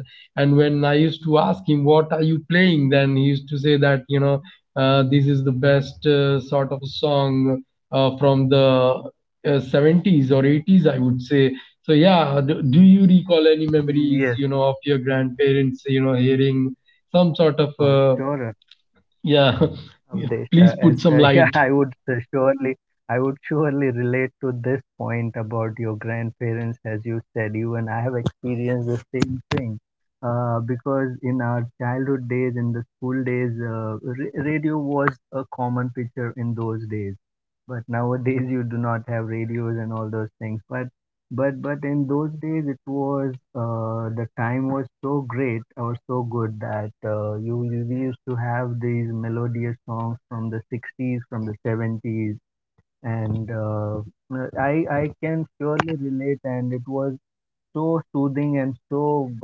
[SPEAKER 1] And when I used to ask him, what are you playing, then he used to say that, this is the best sort of song, from the 70s or 80s, I would say. So yeah, do you recall any
[SPEAKER 3] yes,
[SPEAKER 1] memories, of your grandparents, hearing some
[SPEAKER 3] for
[SPEAKER 1] sort of
[SPEAKER 3] sure.
[SPEAKER 1] yeah.
[SPEAKER 3] Avdesh, uh, as uh,
[SPEAKER 1] Please
[SPEAKER 3] yeah,
[SPEAKER 1] put
[SPEAKER 3] I
[SPEAKER 1] some
[SPEAKER 3] would
[SPEAKER 1] light.
[SPEAKER 3] I would surely relate to this point about your grandparents, as you said. Even I have experienced the same thing, because in our childhood days, in the school days, ra- radio was a common picture in those days. But nowadays you do not have radios and all those things, but but in those days it was, the time was so great or so good that you, you we used to have these melodious songs from the 60s, from the 70s. And uh, uh, i I can surely relate, and it was so soothing, and so,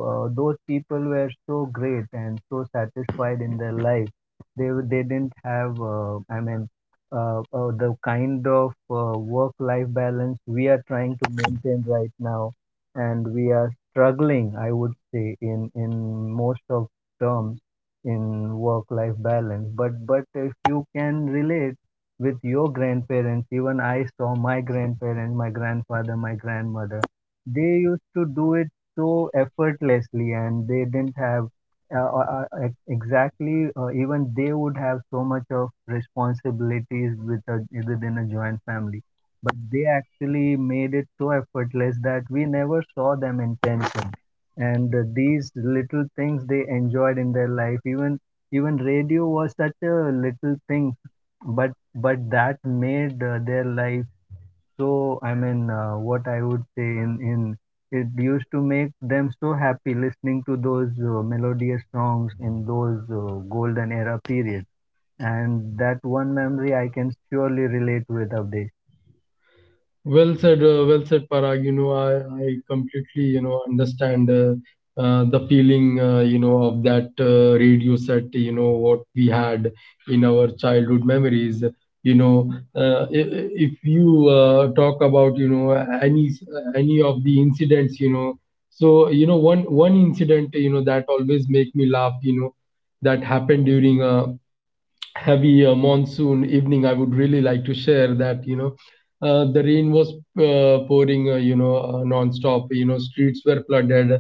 [SPEAKER 3] those people were so great and so satisfied in their life. They they didn't have, the kind of, work life balance we are trying to maintain right now, and we are struggling, I would say, in most of terms in work life balance. But if you can relate with your grandparents, even I saw my grandparents, my grandfather, my grandmother, they used to do it so effortlessly, and they didn't have, ex- exactly, even they would have so much of responsibilities with a, within a joint family, but they actually made it so effortless that we never saw them in tension. And these little things they enjoyed in their life. Even, even radio was such a little thing, but that made, their life so, I mean, what I would say in it used to make them so happy listening to those, melodious songs in those, golden era periods. And that one memory I can surely relate with Abdesh.
[SPEAKER 1] Well said, Parag. I completely, understand, the feeling, of that radio set, what we had in our childhood memories. If you talk about, any s- any of the incidents, so, one incident, that always make me laugh, that happened during a heavy monsoon evening. I would really like to share that, the rain was pouring, non-stop, streets were flooded,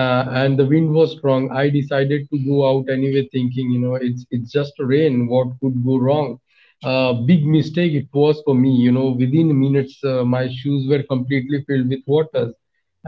[SPEAKER 1] and the wind was strong. I decided to go out anyway, thinking, it's just rain. What could go wrong? Big mistake it was for me, within minutes, my shoes were completely filled with waters,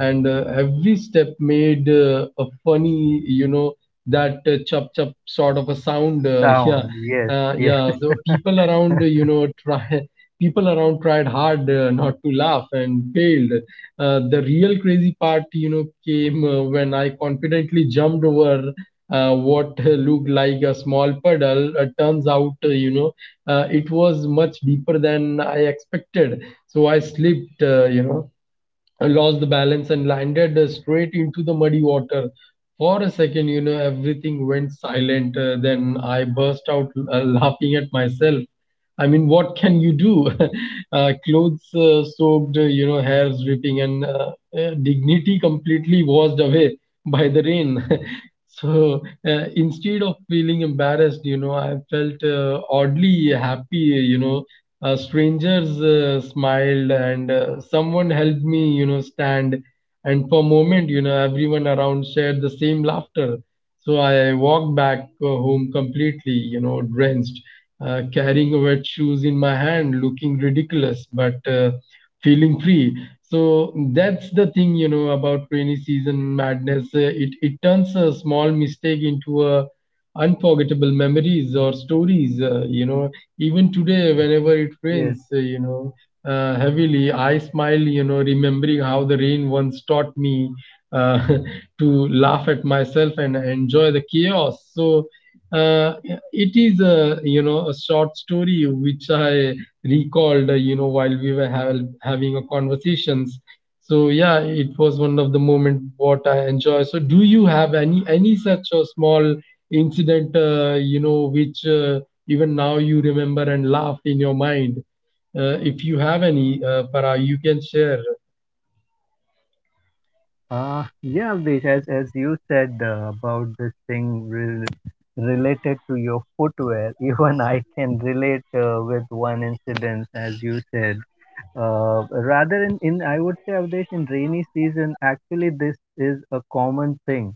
[SPEAKER 1] and every step made a funny, that chup chup sort of a sound. Yeah,
[SPEAKER 3] Sound, yes, yes,
[SPEAKER 1] yeah, so people around, try. People around tried hard, not to laugh, and failed. The real crazy part, came when I confidently jumped over what looked like a small puddle. Turns out, it was much deeper than I expected. So I slipped, lost the balance, and landed straight into the muddy water. For a second, everything went silent. Then I burst out, laughing at myself. I mean, what can you do? Clothes soaked, hairs dripping, and dignity completely washed away by the rain. So instead of feeling embarrassed, I felt oddly happy. You know, Strangers smiled, and someone helped me, stand. And for a moment, everyone around shared the same laughter. So I walked back home completely, drenched, carrying wet shoes in my hand, looking ridiculous, but feeling free. So that's the thing, about rainy season madness. It turns a small mistake into a unforgettable memories or stories. Even today, whenever it
[SPEAKER 3] yes.
[SPEAKER 1] rains, uh, you know. Heavily, I smile, remembering how the rain once taught me uh, to laugh at myself and enjoy the chaos. So, uh, it is a, a short story which I recalled, while we were having a conversations. So yeah, it was one of the moment what I enjoy. So do you have any such a small incident, which, even now you remember and laugh in your mind? If you have any, Para, you can share.
[SPEAKER 3] Yeah, Abdesh, as you said, about this thing re- related to your footwear, even I can relate, with one incident, as you said. Rather in, I would say, Avdesh, in rainy season, actually this is a common thing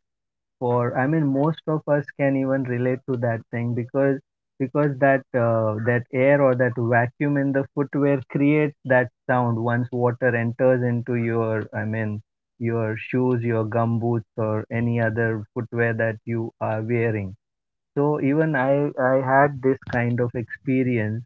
[SPEAKER 3] for, I mean, most of us can even relate to that thing, because that, that air or that vacuum in the footwear creates that sound once water enters into your, I mean, your shoes, your gum boots or any other footwear that you are wearing. So even I had this kind of experience,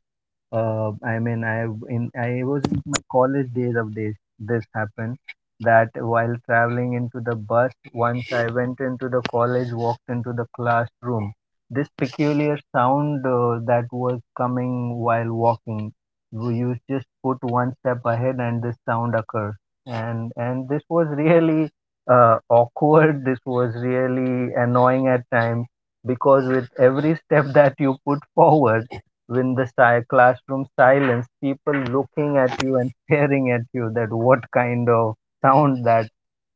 [SPEAKER 3] I mean, I in I was in my college days of this. This happened that while traveling into the bus, once I went into the college, walked into the classroom. This peculiar sound, that was coming while walking, w- you just put one step ahead and this sound occurs. And this was really, awkward. This was really annoying at times, because with every step that you put forward, when the style classroom silence, people looking at you and staring at you that what kind of sound that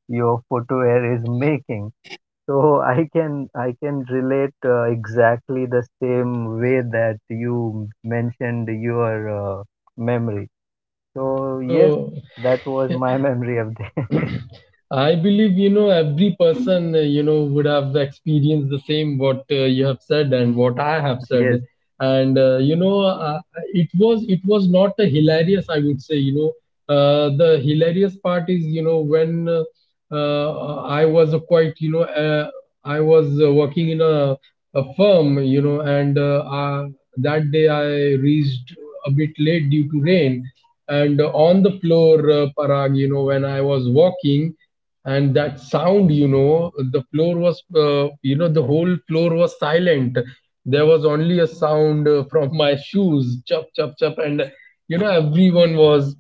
[SPEAKER 3] your footwear is making. So I can, I can relate, exactly the same way that you mentioned your, memory. So yes,
[SPEAKER 1] So
[SPEAKER 3] that was my memory of this.
[SPEAKER 1] I believe, every person, would have experienced the same what, you have said and what I have said.
[SPEAKER 3] Yes,
[SPEAKER 1] And, it was not a hilarious, I would say, the hilarious part is, when, uh, I was a quite, you know, uh, I was working in a firm, and that day I reached a bit late due to rain. And on the floor, Parag, when I was walking, and that sound, the floor was, the whole floor was silent. There was only a sound from my shoes, chop, chop, chop, and, everyone was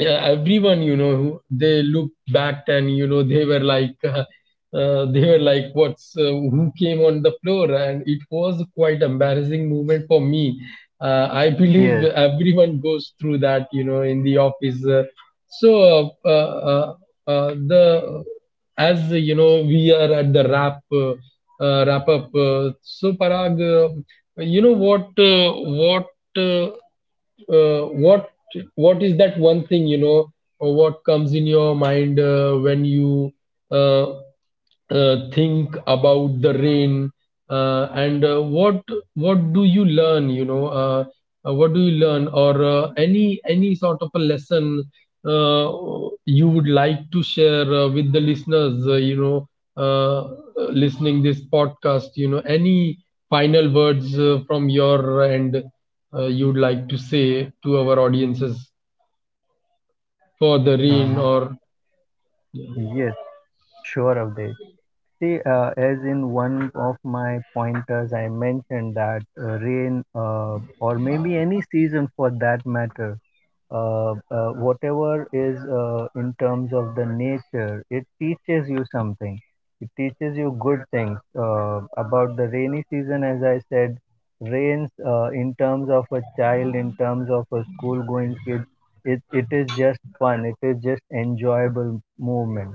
[SPEAKER 1] yeah, everyone, who they look back, and, they were like they were like what's, who came on the floor, and it was quite embarrassing moment for me. I believe
[SPEAKER 3] yes,
[SPEAKER 1] everyone goes through that, in the office. So uh, the As, we are at the wrap up, so Parag, what, what uh, uh, what what is that one thing, or what comes in your mind, when you, uh, think about the rain, and what do you learn, or, any sort of a lesson, uh, you would like to share, with the listeners, uh, listening this podcast, any final words, from your end, you would like to say to our audiences, for the
[SPEAKER 3] uh,
[SPEAKER 1] rain or
[SPEAKER 3] yes, sure of this. See, as in one of my pointers, I mentioned that, rain, or maybe any season for that matter, whatever is, in terms of the nature, it teaches you something. It teaches you good things, about the rainy season. As I said, rains, in terms of a child, in terms of a school-going kid, it is just fun. It is just enjoyable movement.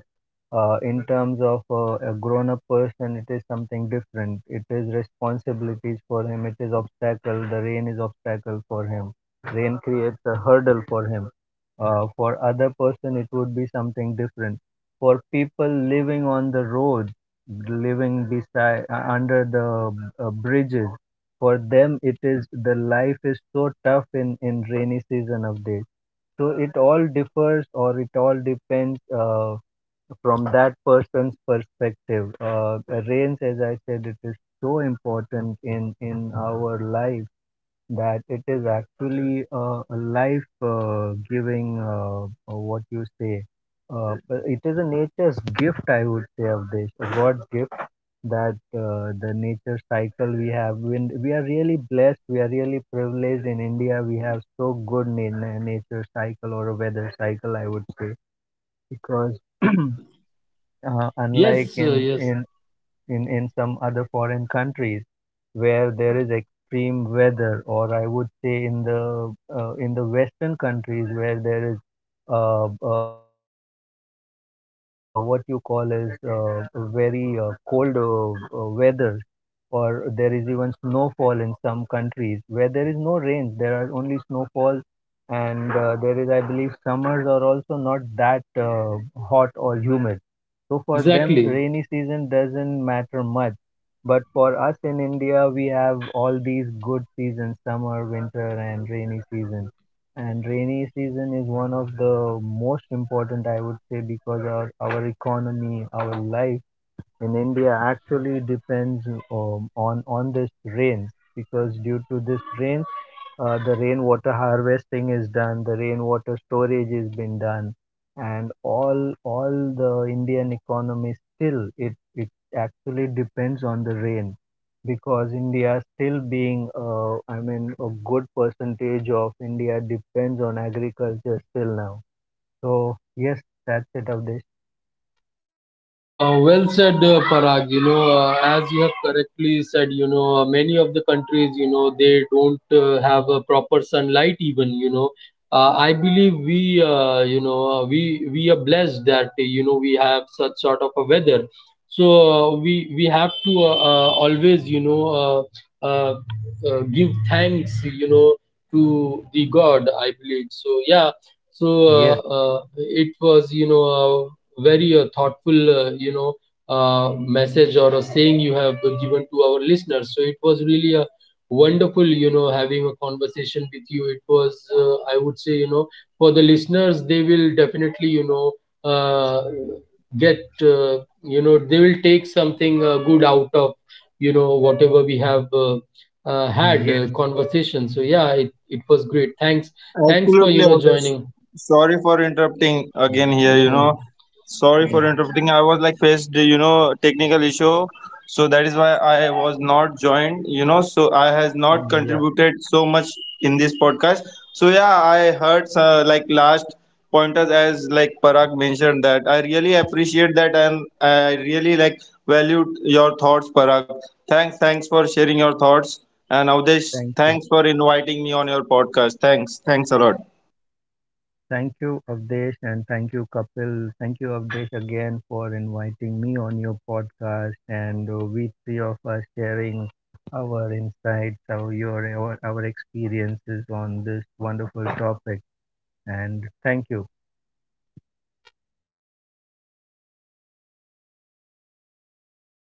[SPEAKER 3] In terms of, a grown-up person, it is something different. It is responsibilities for him. It is obstacle. The rain is obstacle for him, rain creates a hurdle for him. For other person it would be something different. For people living on the road, living beside, under the, bridges, for them it is, the life is so tough in rainy season of days. So it all differs, or it all depends, from that person's perspective. Rains, as I said, it is so important in our life, that it is actually a life, giving, what you say, it is a nature's gift, I would say of this, a god's gift. That, the nature cycle we have, when we are really blessed, we are really privileged in India, we have so good na- na- nature cycle or a weather cycle, I would say, because unlike
[SPEAKER 1] yes,
[SPEAKER 3] in
[SPEAKER 1] yes,
[SPEAKER 3] in in in some other foreign countries where there is extreme weather, or I would say in the, in the western countries, where there is, uh, what you call is, uh, very, cold, weather, or there is even snowfall in some countries where there is no rain, there are only snowfalls. And there is, I believe summers are also not that, hot or humid. So for them,
[SPEAKER 1] exactly.
[SPEAKER 3] rainy season doesn't matter much. But for us in India, we have all these good seasons, summer, winter, and rainy season. And rainy season is one of the most important, I would say, because our economy, our life in India actually depends, on this rains. Because due to this rain, the rainwater harvesting is done, the rainwater storage is been done, and all the Indian economy, still, it actually depends on the rain, because India still being, I mean, a good percentage of India depends on agriculture still now. So yes, that's it, Avdesh.
[SPEAKER 1] Well said, Parag. As you have correctly said, many of the countries, they don't have a proper sunlight. Even, I believe we, we are blessed that, we have such sort of a weather. So we have to always, uh, give thanks, to the God. I believe so. Yeah, so
[SPEAKER 3] Yes,
[SPEAKER 1] it was, very thoughtful, message or a saying you have given to our listeners. So it was really a wonderful, having a conversation with you. It was, I would say, for the listeners, they will definitely, get, they will take something good out of, whatever we have. Had
[SPEAKER 3] yes,
[SPEAKER 1] conversation. So yeah, it was great. Thanks for,
[SPEAKER 2] Absolutely, Avdesh.
[SPEAKER 1] joining.
[SPEAKER 2] Sorry for interrupting again here, you
[SPEAKER 1] Yeah,
[SPEAKER 2] know. Sorry for
[SPEAKER 1] yeah.
[SPEAKER 2] interrupting. I was like faced, you know, technical issue, so that is why I was not joined. You know, so I has not
[SPEAKER 3] yeah.
[SPEAKER 2] contributed so much in this podcast. So yeah, I heard like last pointers as like Parag mentioned, that I really appreciate that, and I really like valued your thoughts, Parag. Thanks for sharing your thoughts. And Avdesh,
[SPEAKER 3] Thank
[SPEAKER 2] thanks
[SPEAKER 3] you.
[SPEAKER 2] for inviting me on your podcast. Thanks a lot.
[SPEAKER 3] Thank you, Avdesh, and thank you, Kapil. Thank you, Avdesh, again, for inviting me on your podcast. And we three of us sharing our insights, our experiences on this wonderful topic. And thank you.